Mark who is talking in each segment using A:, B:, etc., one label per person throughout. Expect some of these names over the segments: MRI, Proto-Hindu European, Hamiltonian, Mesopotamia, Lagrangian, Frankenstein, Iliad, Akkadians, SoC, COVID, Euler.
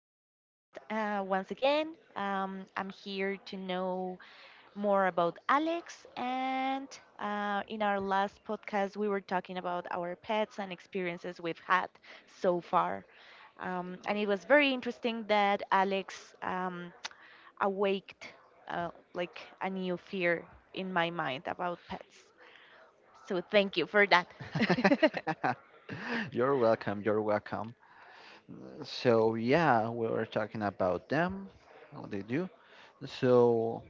A: podcast once again. I'm here to know more about Alex, and in our last podcast, we were talking about our pets and experiences we've had so far. And it was very interesting that Alex awaked uh, like a new fear in my mind about pets. So thank you for that.
B: You're welcome. You're welcome. So yeah, we were talking about them, how they do. So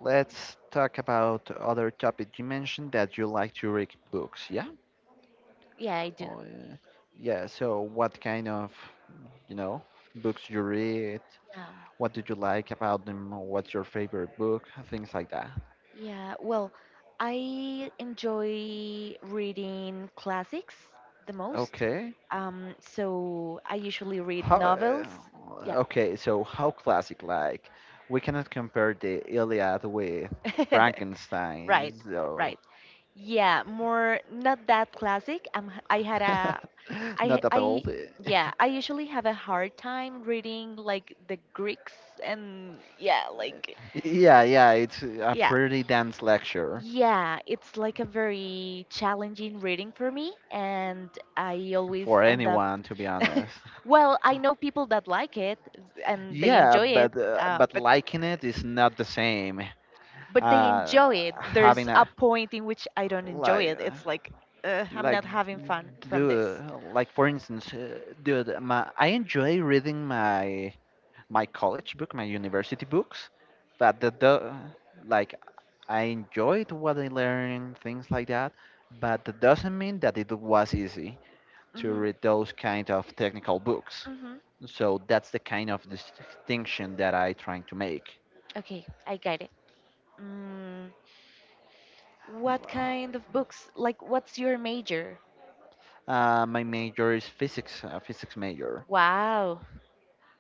B: let's talk about other topic. You mentioned that you like to read books, yeah?
A: Yeah, I do.
B: Oh, yeah. Yeah. So what kind of you know, books you read?
A: Yeah.
B: What did you like about them? What's your favorite book? Things like that.
A: Yeah, well, I enjoy reading classics the most.
B: Okay.
A: So I usually read
B: How, uh,
A: novels. Yeah.
B: okay, so how classic, like, we cannot compare the Iliad with Frankenstein,
A: Right,
B: so
A: right. Yeah, more not that classic. I had a I
B: not at all.
A: I yeah, I usually have a hard time reading like the Greeks and yeah, like
B: Yeah, yeah, it's a
A: yeah.
B: pretty dense lecture
A: Yeah, it's like a very challenging reading for me, and I always
B: for
A: end up.
B: anyone, to be honest.
A: Well, I know people that like it and they
B: Yeah,
A: enjoy it,
B: but uh, but
A: but
B: liking it is not the same.
A: but they
B: Uh,
A: enjoy it. There's
B: having
A: a
B: a
A: point in which I don't enjoy
B: like
A: it.
B: uh,
A: It's like I'm not
B: like
A: having fun from
B: dude,
A: this.
B: like for instance, I enjoy reading my college book, my university books, but the like I enjoyed what I learned, things like that, but that doesn't mean that it was easy to
A: hmm
B: read those kind of technical books.
A: hmm
B: So that's the kind of distinction that I trying to make.
A: Okay, I get it. Mm, what
B: Wow.
A: kind of books? Like, what's your major?
B: My major is physics, physics major.
A: Wow.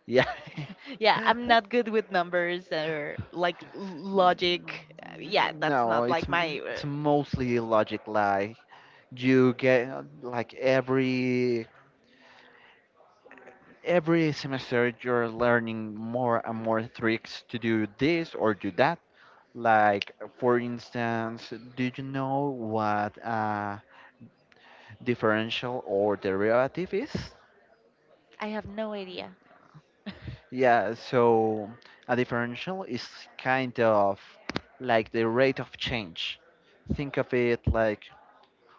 B: Yeah.
A: Yeah, I'm not good with numbers or like logic. Yeah, that's
B: No,
A: not
B: it's
A: like my.
B: it's mostly logic like you get like every semester you're learning more and more tricks to do this or do that. Like, for instance, do you know what a differential or derivative is?
A: I have no idea.
B: Yeah, so a differential is kind of like the rate of change. Think of it like,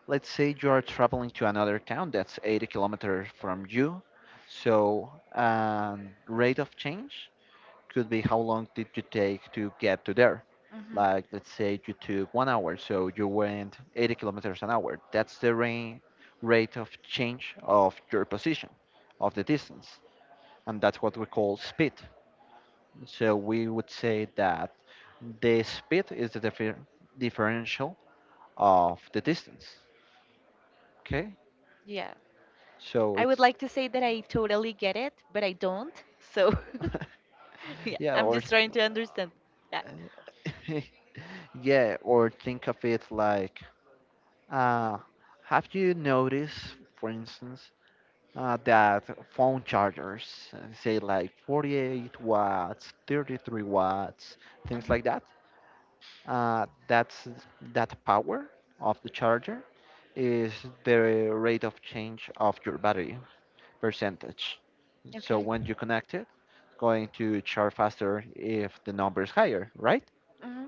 B: let's say you are traveling to another town that's 80 kilometers from you. So, rate of change could be how long did you take to get to there?
A: Hmm.
B: Like, let's say you took one hour, so you went 80 kilometers an hour. That's the rate of change of your position, of the distance, and that's what we call speed. So we would say that the speed is the differential of the distance. Okay,
A: Yeah,
B: so
A: I would
B: it's
A: like to say that I totally get it, but I don't. So, yeah,
B: yeah,
A: I'm
B: or
A: just trying to understand. Yeah.
B: yeah, or think of it like. Uh, have you noticed, for instance, that phone chargers say like 48 watts, 33 watts, things
A: Hmm.
B: like that? That's that power of the charger is the rate of change of your battery percentage. So
A: Okay.
B: when you connect it, going to charge faster if the number is higher, right?
A: Hmm.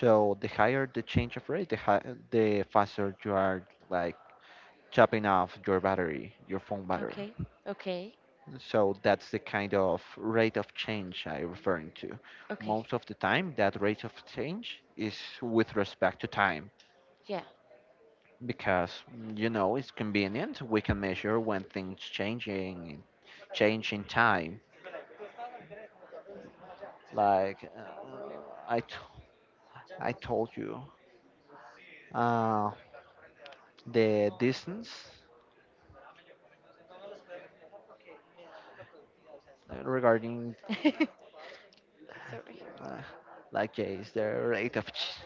B: So the higher the change of rate, the the faster you are like, chopping off your battery, your phone battery.
A: Okay. Okay.
B: So that's the kind of rate of change I'm referring to.
A: Okay.
B: Most of the time, that rate of change is with respect to time
A: Yeah.
B: because you know it's convenient. We can measure when things changing, change in time. Like I, t- I told you, uh, the distance regarding
A: Sorry.
B: uh, like yeah, is the rate of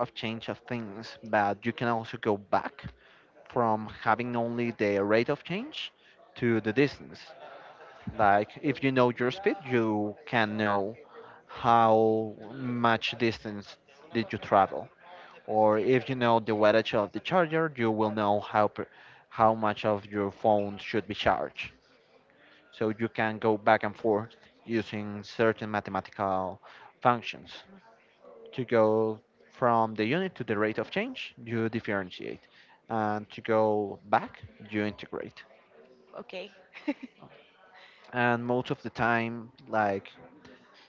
B: of change of things, but you can also go back from having only the rate of change to the distance. Like if you know your speed, you can know how much distance did you travel, or if you know the wattage of the charger, you will know how how much of your phone should be charged. So you can go back and forth using certain mathematical functions to go from the unit to the rate of change, you differentiate. And to go back, you integrate.
A: Okay.
B: And most of the time, like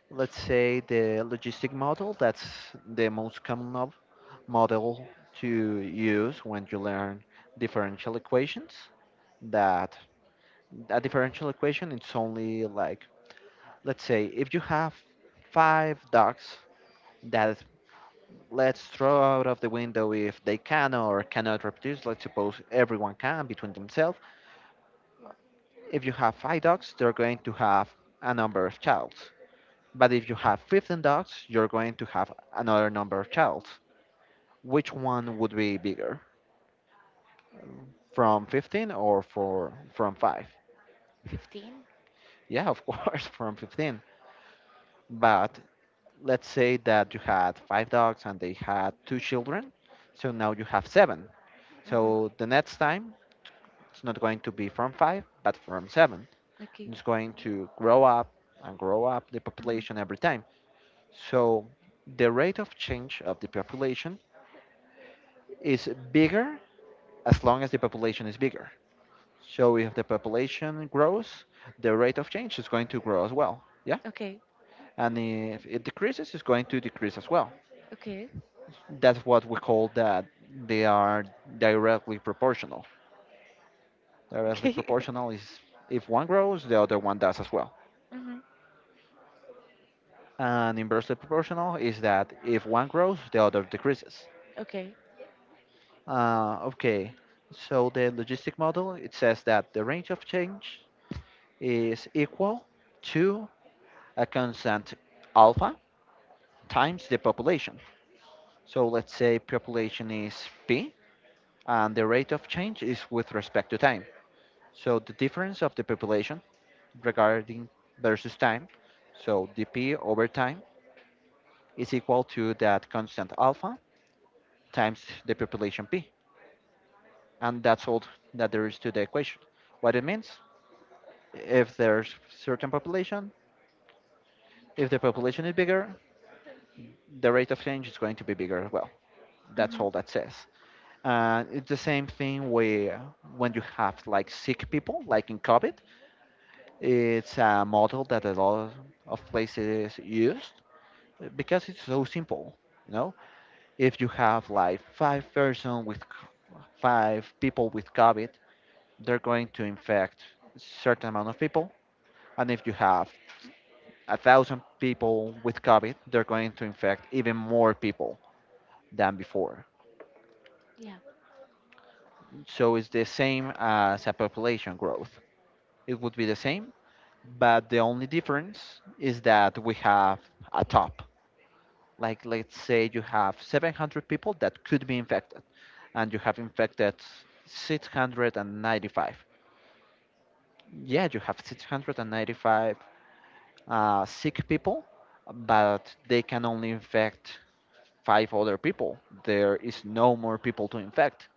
B: let's say the logistic model, that's the most common model to use when you learn differential equations. That a differential equation it's only like let's say if you have five ducks that let's throw out of the window if they can or cannot reproduce. Let's suppose everyone can between themselves. If you have five dogs, they're going to have a number of children. But if you have 15 dogs, you're going to have another number of children. Which one would be bigger? From 15 or for, from 5?
A: 15.
B: Yeah, of course, from 15. But let's say that you had five dogs and they had two children. So now you have seven.
A: Hmm.
B: So the next time it's not going to be from five, but from seven.
A: Okay.
B: It's going to grow up and grow up the population
A: Hmm.
B: every time. So the rate of change of the population is bigger as long as the population is bigger. So if the population grows, the rate of change is going to grow as well. Yeah.
A: Okay.
B: And if it decreases, it's going to decrease as well.
A: Okay.
B: That's what we call that they are directly proportional. Directly
A: Okay.
B: proportional is if one grows, the other one does as well, and inversely proportional is that if one grows, the other decreases.
A: Okay.
B: Okay, so the logistic model it says that the range of change is equal to a constant alpha times the population. So let's say population is p, and the rate of change is with respect to time. So the difference of the population regarding versus time, so dp over time is equal to that constant alpha times the population p, and that's all that there is to the equation. What it means, if there's certain population, if the population is bigger, the rate of change is going to be bigger as well. That's
A: Hmm.
B: all that says. And it's the same thing where when you have like sick people, like in COVID, it's a model that a lot of places used because it's so simple. You know, if you have like five people with COVID, they're going to infect certain amount of people. And if you have a thousand people with COVID, they're going to infect even more people than before.
A: Yeah.
B: So it's the same as a population growth. It would be the same, but the only difference is that we have a top. Like, let's say you have 700 people that could be infected, and you have infected 695. Yeah, you have 695 sick people, but they can only infect five other people. There is no more people to infect.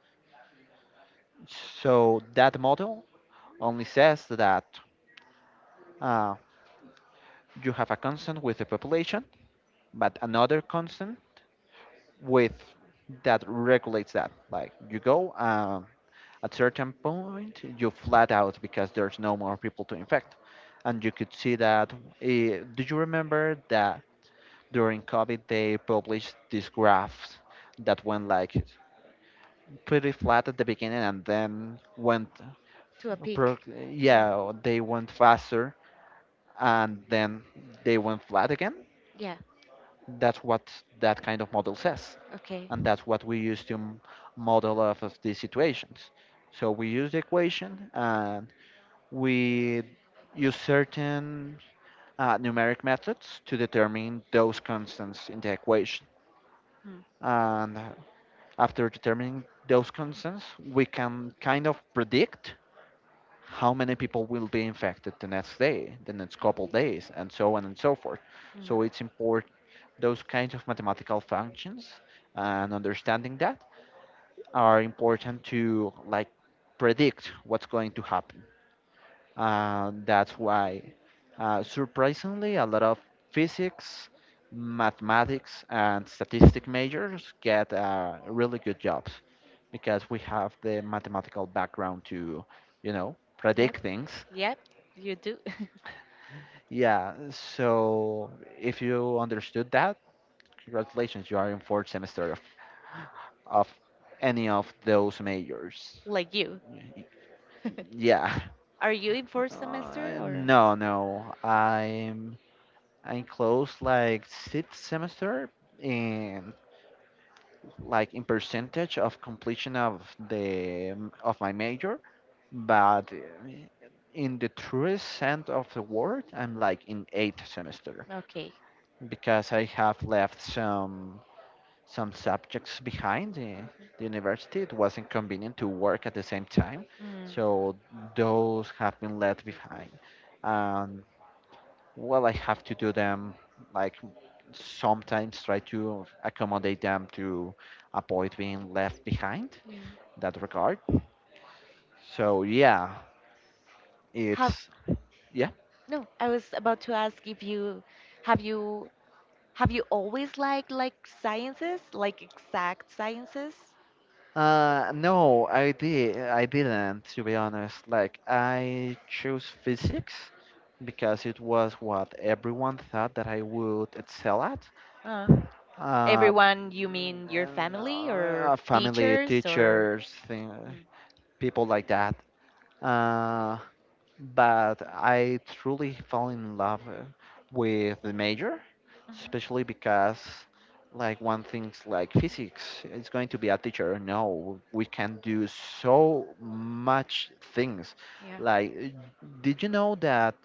B: So that model only says that uh, you have a constant with the population, but another constant with that regulates that. Like you go at certain point, you flat out because there's no more people to infect, and you could see that. Do you remember that during COVID they published this graph that went like pretty flat at the beginning and then went
A: To a
B: Pro-
A: peak. Yeah.
B: yeah, they went faster and then they went flat again.
A: Yeah.
B: That's what that kind of model says,
A: Okay.
B: and that's what we use to model off of these situations. So we use the equation and we use certain numeric methods to determine those constants in the equation.
A: Mm.
B: And after determining those constants, we can kind of predict how many people will be infected the next day, the next couple days, and so on and so forth.
A: Mm.
B: So it's important those kinds of mathematical functions and understanding that are important to like predict what's going to happen. That's why, surprisingly, a lot of physics, mathematics, and statistic majors get really good jobs because we have the mathematical background to, you know,
A: Yep.
B: predict things.
A: Yep. You do.
B: Yeah, so if you understood that, congratulations, you are in fourth semester of any of those majors.
A: Like you.
B: Y- Yeah.
A: Are you in fourth semester
B: Uh,
A: or?
B: no, no. I'm close like sixth semester in like in percentage of completion of the of my major, but in the truest sense of the word, I'm like in eighth semester
A: Okay.
B: because I have left some subjects behind the university. It wasn't convenient to work at the same time,
A: Mm.
B: so those have been left behind. And well, I have to do them like sometimes try to accommodate them to avoid being left behind
A: Yeah.
B: in that regard. So yeah,
A: Have
B: it's yeah.
A: no, I was about to ask if have you you always liked like sciences, like exact sciences?
B: I didn't, to be honest. Like, I chose physics because it was what everyone thought that I would excel at.
A: Uh,
B: Uh,
A: everyone, you mean your family or
B: family,
A: teachers or?
B: teachers, thing,
A: Mm.
B: people like that. Uh, but I truly fell in love with the major,
A: Hmm.
B: especially because like one thinks like physics is going to be a teacher. No, we can do so much things.
A: Yeah.
B: Like, did you know that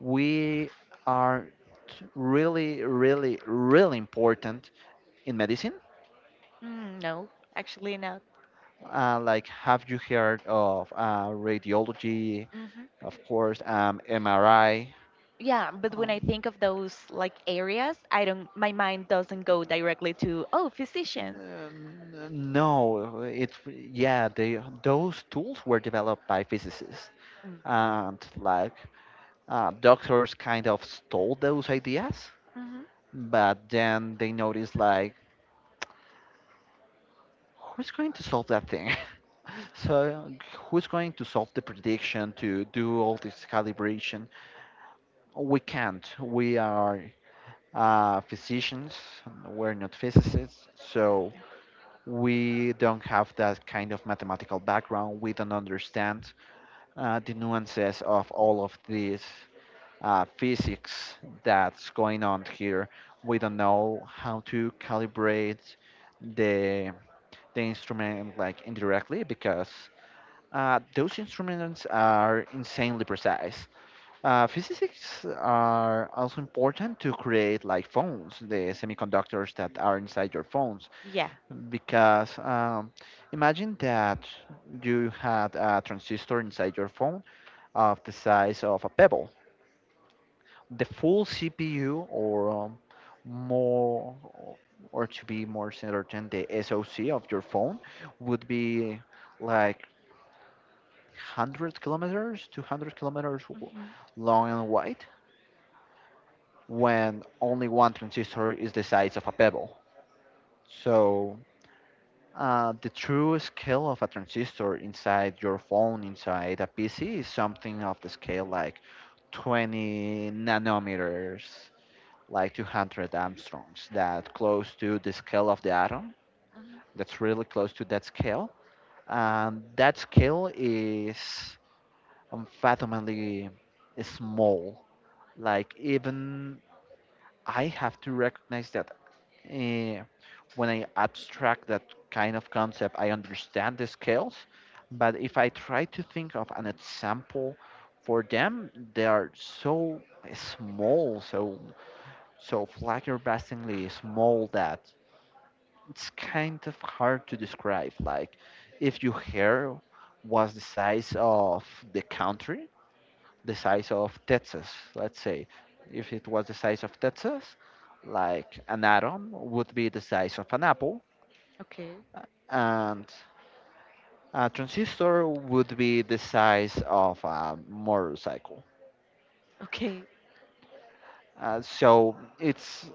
B: we are really, really, really important in medicine?
A: Mm, no, actually not.
B: Like, have you heard of radiology,
A: Hmm.
B: of course, MRI?
A: Yeah, but when I
B: Um,
A: think of those like areas, I don't. My mind doesn't go directly to oh physicians.
B: N- No, it yeah, they those tools were developed by physicists and like doctors kind of stole those ideas,
A: Mm-hmm.
B: but then they noticed like who's going to solve that thing? So who's going to solve the prediction to do all this calibration? We can't. We are physicians. We're not physicists, so we don't have that kind of mathematical background. We don't understand the nuances of all of this physics that's going on here. We don't know how to calibrate the instrument like indirectly because those instruments are insanely precise. Physicists are also important to create like phones, the semiconductors that are inside your phones,
A: Yeah.
B: because imagine that you had a transistor inside your phone of the size of a pebble. The full CPU, more, or to be more certain, the SoC of your phone would be like 100 kilometers, 200 kilometers
A: Mm-hmm.
B: long and wide, when only one transistor is the size of a pebble. So the true scale of a transistor inside your phone, inside a PC, is something of the scale like 20 nanometers like 200 Armstrongs, that close to the scale of the atom.
A: Hmm.
B: That's really close to that scale. And that scale is unfathomably small. Like, even I have to recognize that eh, when I abstract that kind of concept, I understand the scales. But if I try to think of an example for them, they are so small, so flabbergastingly small that it's kind of hard to describe. Like, if your hair was the size of the country, the size of Texas, let's say, if it was the size of Texas, like an atom would be the size of an apple,
A: Okay.
B: and a transistor would be the size of a motorcycle.
A: Okay.
B: So it's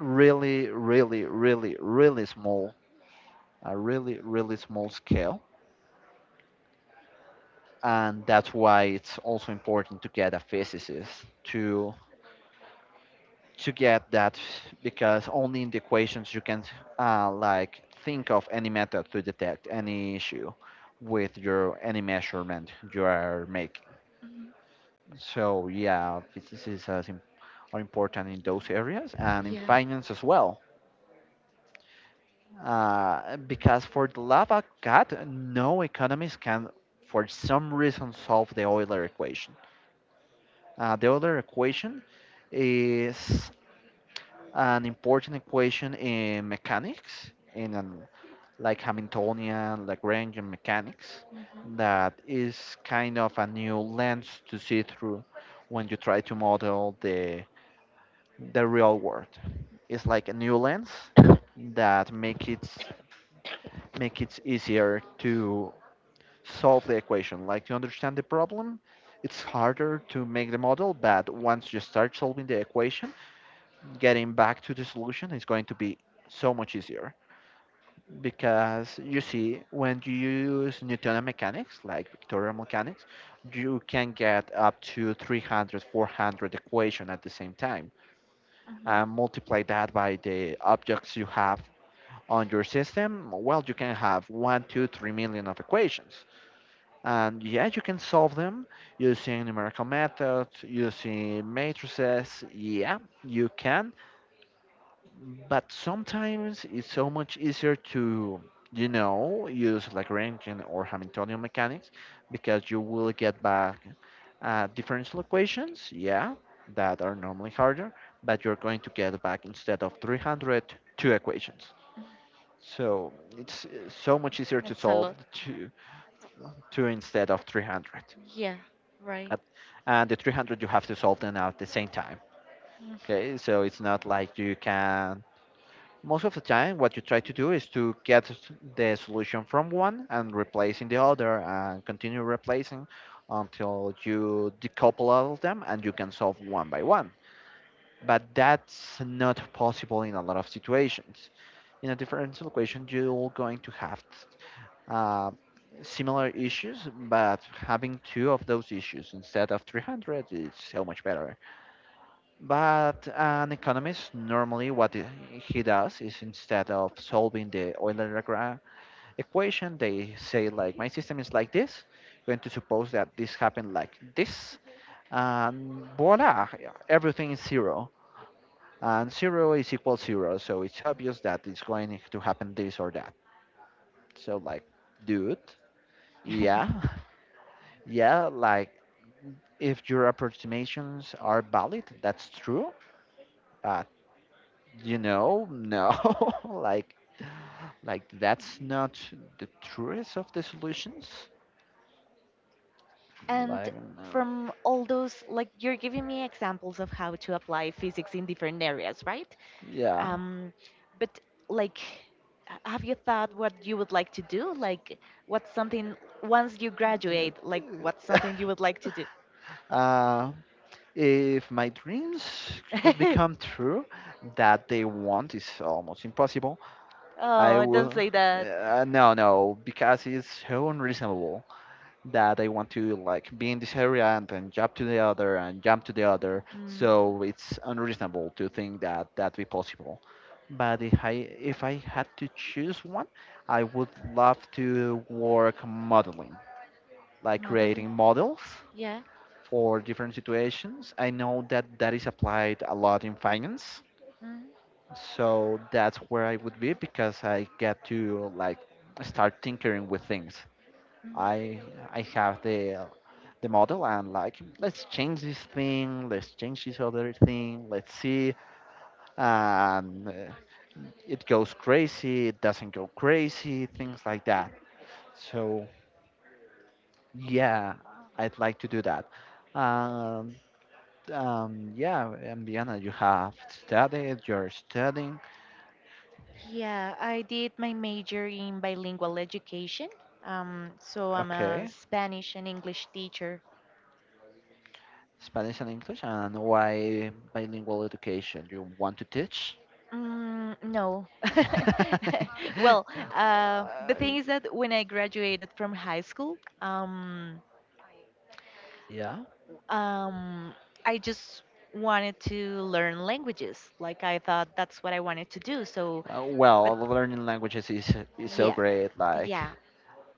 B: really, really, really, really small, a really, really small scale, and that's why it's also important to get a physicist to get that, because only in the equations you can like think of any method to detect any issue with your any measurement you are making.
A: Hmm.
B: So yeah, physicists are important in those areas and in
A: Yeah.
B: finance as well, because for the love of God, no economist can for some reason solve the Euler equation. The Euler equation is an important equation in mechanics, in like Hamiltonian, Lagrangian mechanics,
A: Mm-hmm.
B: that is kind of a new lens to see through when you try to model the real world. It's like a new lens that make it easier to solve the equation, like to understand the problem. It's harder to make the model, but once you start solving the equation, getting back to the solution is going to be so much easier, because you see, when you use Newtonian mechanics, like vectorial mechanics, you can get up to 300 400 equation at the same time,
A: Hmm.
B: and multiply that by the objects you have on your system, well, you can have 1 2 3 million of equations. And yeah, you can solve them using numerical methods, using matrices, yeah, you can. But sometimes it's so much easier to, you know, use Lagrangian or Hamiltonian mechanics, because you will get back differential equations, yeah, that are normally harder, but you're going to get back, instead of 300, two equations. So it's so much easier to
A: That's a
B: solve
A: lot.
B: the
A: Yeah.
B: two, instead of 300.
A: Yeah. Right.
B: At- And the 300 you have to solve them at the same time.
A: Mm.
B: Okay, so it's not like you can. Most of the time, what you try to do is to get the solution from one and replacing the other and continue replacing until you decouple all of them and you can solve one by one. But that's not possible in a lot of situations. In a differential equation, you're going to have uh, similar issues, but having two of those issues instead of 300 is so much better. But an economist, normally what he does is, instead of solving the Euler-Lagrange equation, they say like, my system is like this, going to suppose that this happened like this, and voila, everything is zero, and zero is equal zero, so it's obvious that it's going to happen this or that. So like, dude, yeah, yeah, like, if your approximations are valid, that's true, but you know, no, like. Like that's not the truest of the solutions.
A: And
B: Like, no,
A: from all those, like you're giving me examples of how to apply physics in different areas, right?
B: yeah.
A: Um, but like, have you thought what you would like to do? Like, what's something once you graduate? Like, what's something you would like to do?
B: Uh, if my dreams could become true, that they want is almost impossible. I
A: Oh, don't
B: will.
A: say that.
B: No, no, because it's so unreasonable that I want to like be in this area and then jump to the other and jump to the other.
A: Mm.
B: So it's unreasonable to think that that be possible. But if I, if I had to choose one, I would love to work modeling, like
A: Modeling?
B: creating models
A: Yeah.
B: for different situations. I know that that is applied a lot in finance,
A: Mm,
B: so that's where I would be, because I get to like start tinkering with things.
A: mm.
B: I I have the model, and like, let's change this thing, let's change this other thing, let's see, and it goes crazy, it doesn't go crazy, things like that. So yeah, I'd like to do that. Um, yeah. And Diana, you have studied, you're studying.
A: Yeah, I did my major in bilingual education. So I'm a
B: Okay,
A: Spanish and English teacher.
B: Spanish and English, and why bilingual education? You want to teach?
A: Mm, no. Well, the
B: Uh,
A: thing is that when I graduated from high school,
B: yeah.
A: um, I just wanted to learn languages. Like I thought that's what I wanted to do. So, uh,
B: Learning languages is so
A: yeah,
B: great. Like,
A: yeah.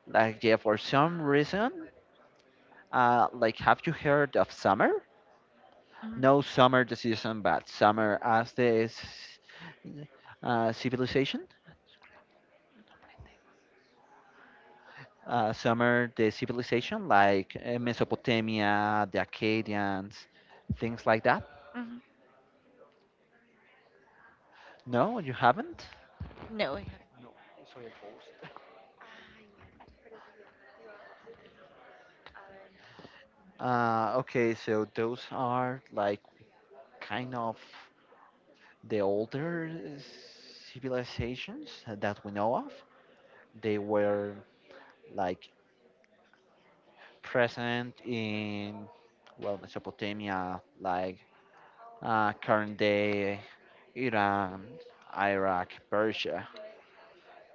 B: like yeah, for some reason, like, have you heard of summer?
A: Mhm,
B: No summer decision, but summer as this civilization. Summer the civilization, like Mesopotamia, the Akkadians, things like that.
A: mhm.
B: No, you haven't?
A: No, I haven't.
B: Okay, so those are like kind of the older civilizations that we know of. They were like present in, well, Mesopotamia, like current day Iran, Iraq, Persia,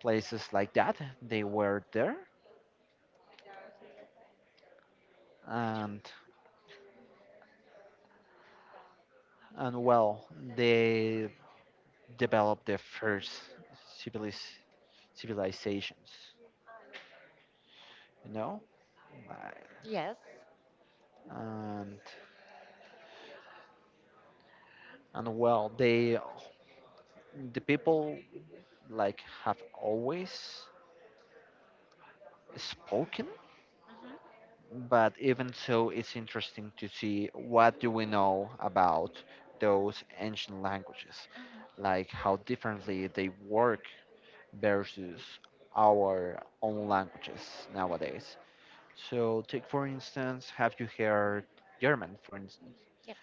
B: places like that. They were there, and and well, they developed the first civilis- civilizations. You know, like,
A: Yes.
B: and and well, they the people like have always spoken.
A: Mhm,
B: But even so, it's interesting to see what do we know about those ancient languages,
A: mhm.
B: like how differently they work versus our own languages nowadays. So, take for instance, have you heard German, for instance?
A: Yeah.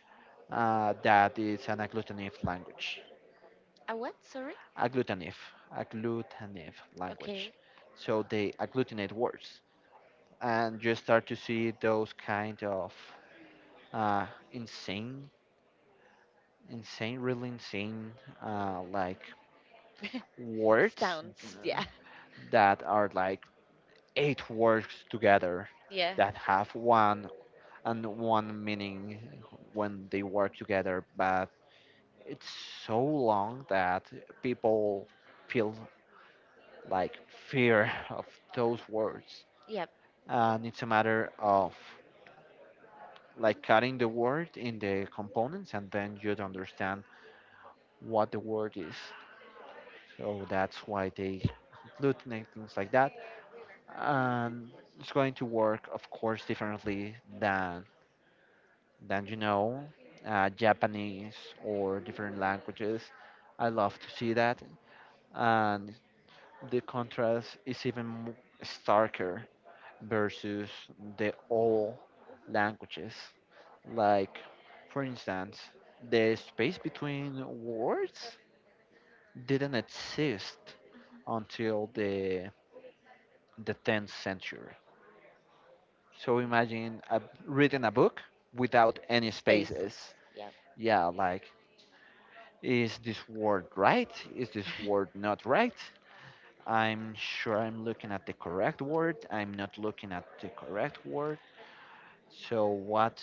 B: That is an agglutinative language.
A: A what? Sorry.
B: Agglutinative, agglutinative language.
A: Okay.
B: So they agglutinate words, and you start to see those kind of uh, insane, insane, really insane, like words
A: Sounds. Yeah.
B: that are like eight words together
A: Yeah.
B: that have one and one meaning when they work together, but it's so long that people feel like fear of those words,
A: Yeah.
B: and it's a matter of like cutting the word in the components, and then you'd understand what the word is. So that's why they glutinate things like that, and it's going to work, of course, differently than you know, Japanese or different languages. I love to see that, and the contrast is even starker versus the old languages. Like, for instance, the space between words didn't exist
A: Mm-hmm.
B: until the 10th century. So imagine a, reading a book without any
A: Spaces.
B: spaces.
A: Yeah.
B: Yeah, like, is this word right? Is this word not right? I'm sure I'm looking at the correct word. I'm not looking at the correct word. So what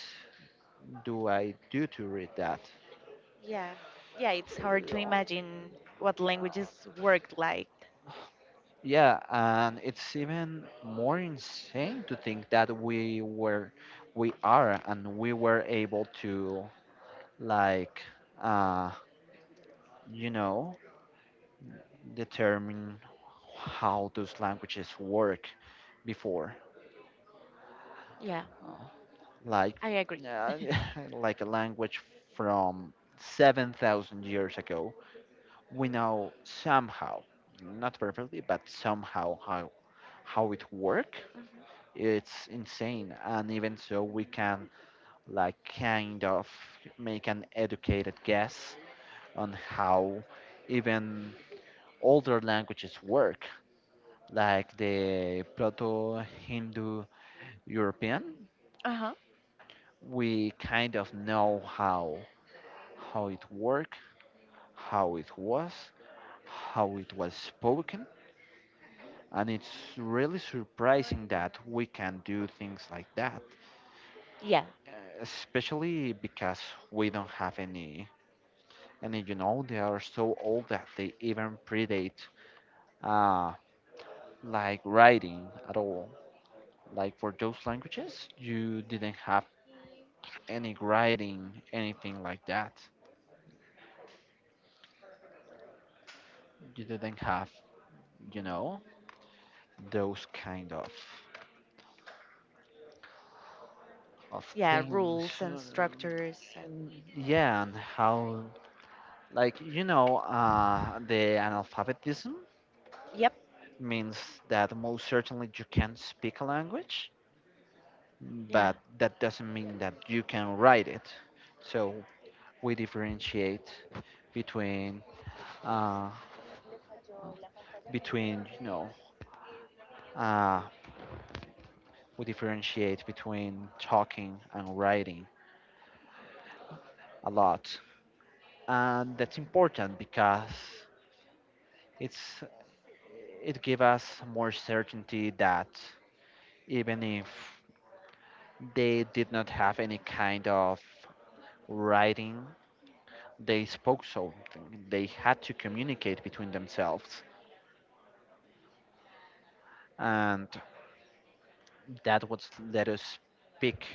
B: do I do to read that?
A: Yeah. Yeah, it's hard to imagine what languages work like.
B: Yeah, and it's even more insane to think that we are, and we were able to, like, uh, you know, determine how those languages work before.
A: Yeah.
B: Like
A: I agree.
B: uh, like a language from 7,000 years ago. We know somehow, not perfectly, but somehow how it work. It's insane, and even so, we can like kind of make an educated guess on how even older languages work, like the Proto-Hindu European.
A: Uh-huh.
B: We kind of know how it work, how it was, how it was spoken, and it's really surprising that we can do things like that,
A: Yeah.
B: especially because we don't have any. And you know, they are so old that they even predate uh, like writing at all. Like, for those languages, you didn't have any writing, anything like that. You didn't have, you know, those kind of
A: Yeah,
B: things.
A: rules and structures and
B: And yeah, and how, like, you know, the analphabetism
A: yep.
B: means that most certainly you can speak a language,
A: Yeah.
B: but that doesn't mean that you can write it. So we differentiate between, uh, you know, uh, we differentiate between talking and writing a lot. And that's important, because it's, it gives us more certainty that even if they did not have any kind of writing, they spoke something. They had to communicate between themselves, and that would let us speak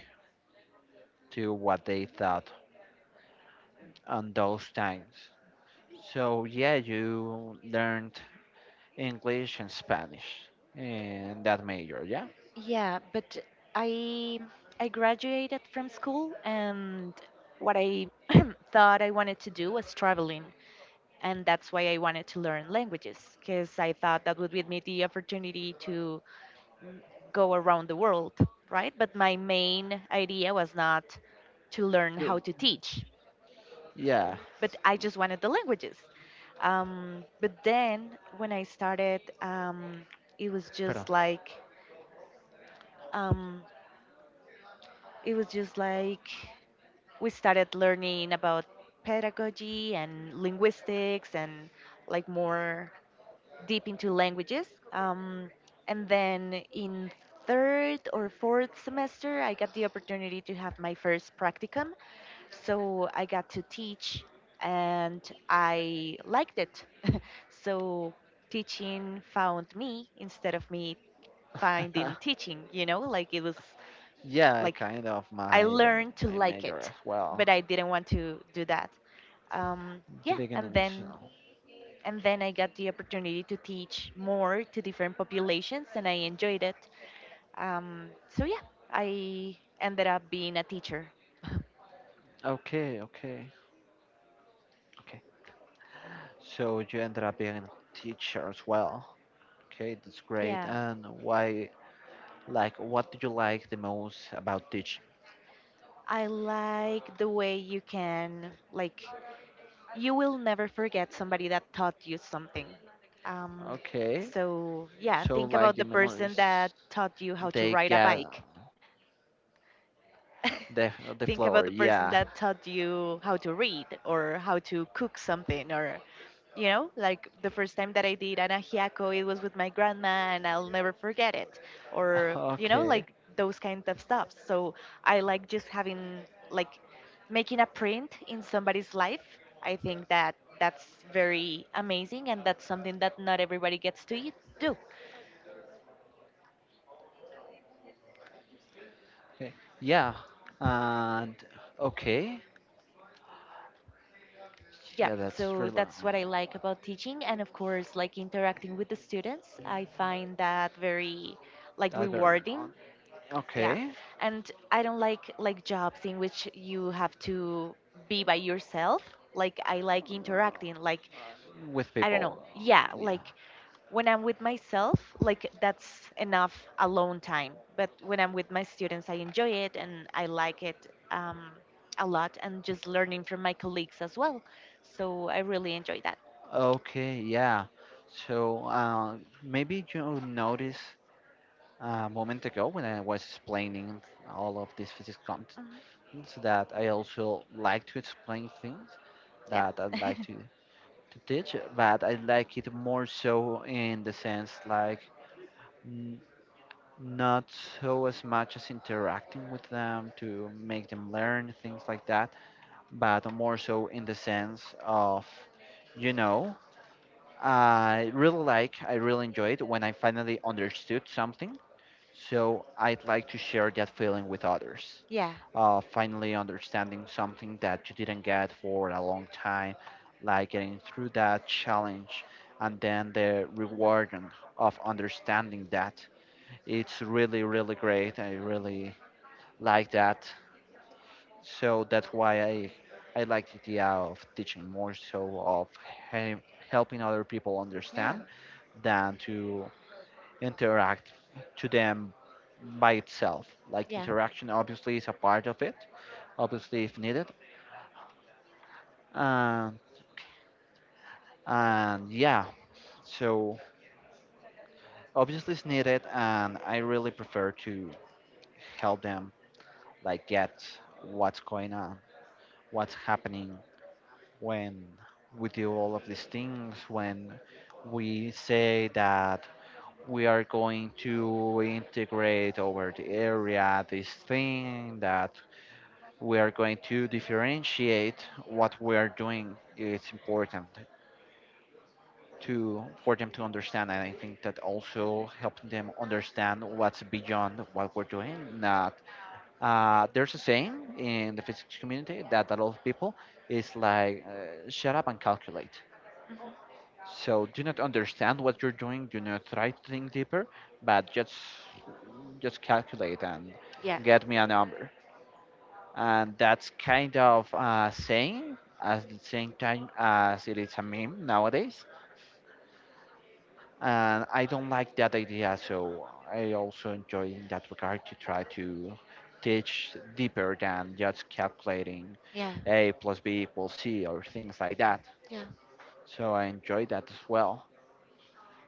B: to what they thought on those times. So yeah, you learned English and Spanish in that major, yeah,
A: Yeah, but I I graduated from school and what I thought I wanted to do was traveling. And that's why I wanted to learn languages, because I thought that would give me the opportunity to mm, go around the world, right? But my main idea was not to learn how to teach,
B: yeah.
A: but I just wanted the languages. But then when I started, it was
B: Pardon.
A: just like um, it was just like we started learning about pedagogy and linguistics and like more deep into languages. Um, and then in third or fourth semester, I got the opportunity to have my first practicum. So I got to teach and I liked it. So teaching found me instead of me finding teaching, you know, like it was
B: yeah,
A: like
B: kind of
A: I
B: my
A: learned to
B: my
A: like
B: major
A: it,
B: as well.
A: but I didn't want to do that.
B: The
A: Yeah, and
B: beginning. So.
A: then and then I got the opportunity to teach more to different populations, and I enjoyed it. So yeah, I ended up being a teacher.
B: Okay, okay, okay. So you ended up being a teacher as well. Okay, that's great.
A: Yeah,
B: And why, like, what do you like the most about teaching?
A: I like the way you can like you will never forget somebody that taught you something. Um,
B: Okay,
A: so yeah,
B: so
A: think
B: like
A: about
B: the
A: the person that
B: memories,
A: taught you how to
B: they
A: ride a
B: get
A: bike.
B: the the
A: Think about
B: floor.
A: the person
B: Yeah.
A: that taught you how to read or how to cook something or you know, like the first time that I did anahiako, it was with my grandma and I'll never forget it. Or, you know,
B: Okay.
A: like those kinds of stuff. So I like just having, like, making a print in somebody's life. I think that that's very amazing and that's something that not everybody gets to eat, do.
B: Okay. Yeah. And okay.
A: Yeah,
B: Yeah, that's
A: so
B: really,
A: that's what I like about teaching and of course like interacting with the students. I find that very like
B: that's better.
A: rewarding. Yeah,
B: Okay.
A: and I don't like jobs in which you have to be by yourself. Like I like interacting.
B: Uh,
A: Like
B: With
A: I don't know.
B: people.
A: Yeah,
B: Yeah.
A: like when I'm with myself, like that's enough alone time, but when I'm with my students, I enjoy it and I like it, a lot. And just learning from my colleagues as well, so I really enjoy that.
B: Okay. Yeah. So maybe you notice a moment ago when I was explaining all of this physics contents,
A: Mhm.
B: that I also like to explain things,
A: Yep.
B: that I like to teach, but I like it more so in the sense like, n- not so as much as interacting with them to make them learn things like that, but more so in the sense of, you know, I really like, I really enjoyed when I finally understood something. So I'd like to share that feeling with others.
A: Yeah.
B: Finally, understanding something that you didn't get for a long time, like getting through that challenge, and then the reward of understanding that. It's really, really great. I really like that. So that's why I like the idea of teaching more so of he- helping other people
A: Yeah.
B: understand than to interact to them by itself. Like
A: Yeah.
B: interaction obviously is a part of it, obviously if needed. And and yeah, so obviously it's needed and I really prefer to help them like get what's going on, what's happening when we do all of these things, when we say that we are going to integrate over the area this thing that we are going to differentiate what we are doing. It's important to for them to understand, and I think that also helping them understand what's beyond what we're doing. Not There's a saying in the physics community that a lot of people is like, shut up and calculate.
A: Hmm.
B: So do not understand what you're doing. Do not try to think deeper, but just calculate and
A: Yeah.
B: get me a number. And that's kind of saying at the same time as it is a meme nowadays. And I don't like that idea, so I also enjoy in that regard to try to teach deeper than just calculating
A: Yeah.
B: a plus b equals c or things like that.
A: Yeah.
B: So I enjoy that as well.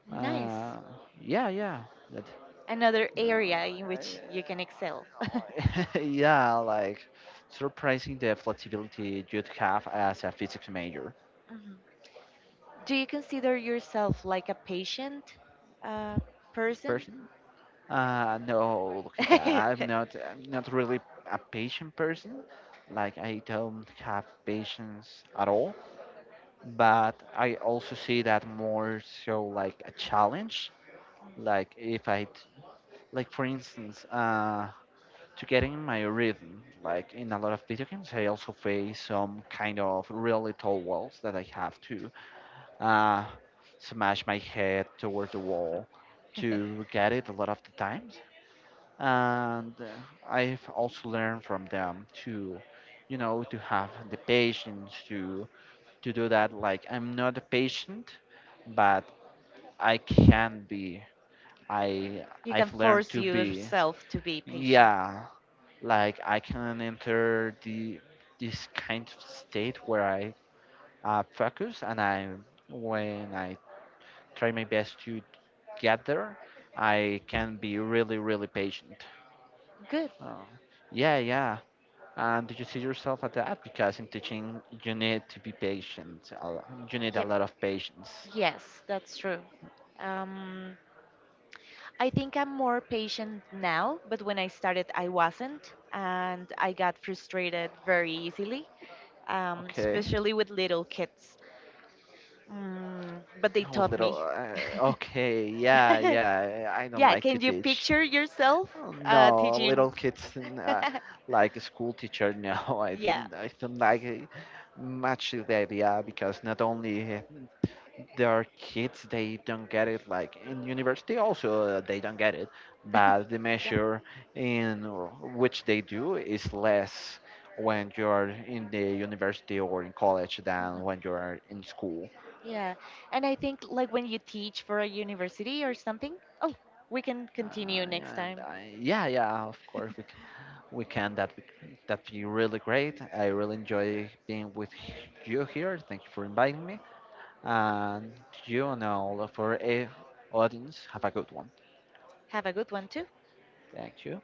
A: Nice.
B: Uh, yeah, yeah. That,
A: Another
B: no,
A: area in
B: I,
A: which you can excel.
B: I- yeah, like surprising the flexibility you'd have as a physics major
A: Hmm. Do you consider yourself like a patient uh, person?
B: person. No, look at that. I'm not really a patient person. Like I don't have patience at all. But I also see that more so like a challenge. Like if I, like for instance, to get in my rhythm. Like in a lot of video games, I also face some kind of really tall walls that I have to uh, smash my head toward the wall to get it a lot of the times. And I've also learned from them to, you know, to have the patience to do that. Like I'm not a patient, but I can be. I
A: You can
B: I've learned
A: force
B: to be.
A: yourself to be patient.
B: Yeah, like I can enter the this kind of state where I focus and I when I try my best to get there, I can be really really patient.
A: Good.
B: Uh, yeah, yeah. And did you see yourself at that? Because in teaching, you need to be patient. You need a
A: Yep.
B: lot of patience.
A: Yes, that's true. Um, I think I'm more patient now, but when I started, I wasn't, and I got frustrated very easily,
B: Okay.
A: especially with little kids. Mm, but they
B: With
A: taught
B: little.
A: me.
B: Okay. Yeah, yeah. I don't
A: Yeah,
B: like to
A: can you
B: teach.
A: picture yourself
B: Oh, no,
A: teaching?
B: little kids and, like a school teacher. No, I
A: Yeah.
B: didn't. I don't like it much the idea because not only there are kids they don't get it. Like in university, also they don't get it. But the
A: Yeah.
B: measure in which they do is less when you're in the university or in college than
A: Mhm.
B: when you're in school.
A: Yeah. And I think like when you teach for a university or something, oh, we can continue next time.
B: Yeah, yeah, of course. We. Weekend that that be really great. I really enjoy being with you here. Thank you for inviting me, and you and all of our audience have a good one.
A: Have a good one too.
B: Thank you.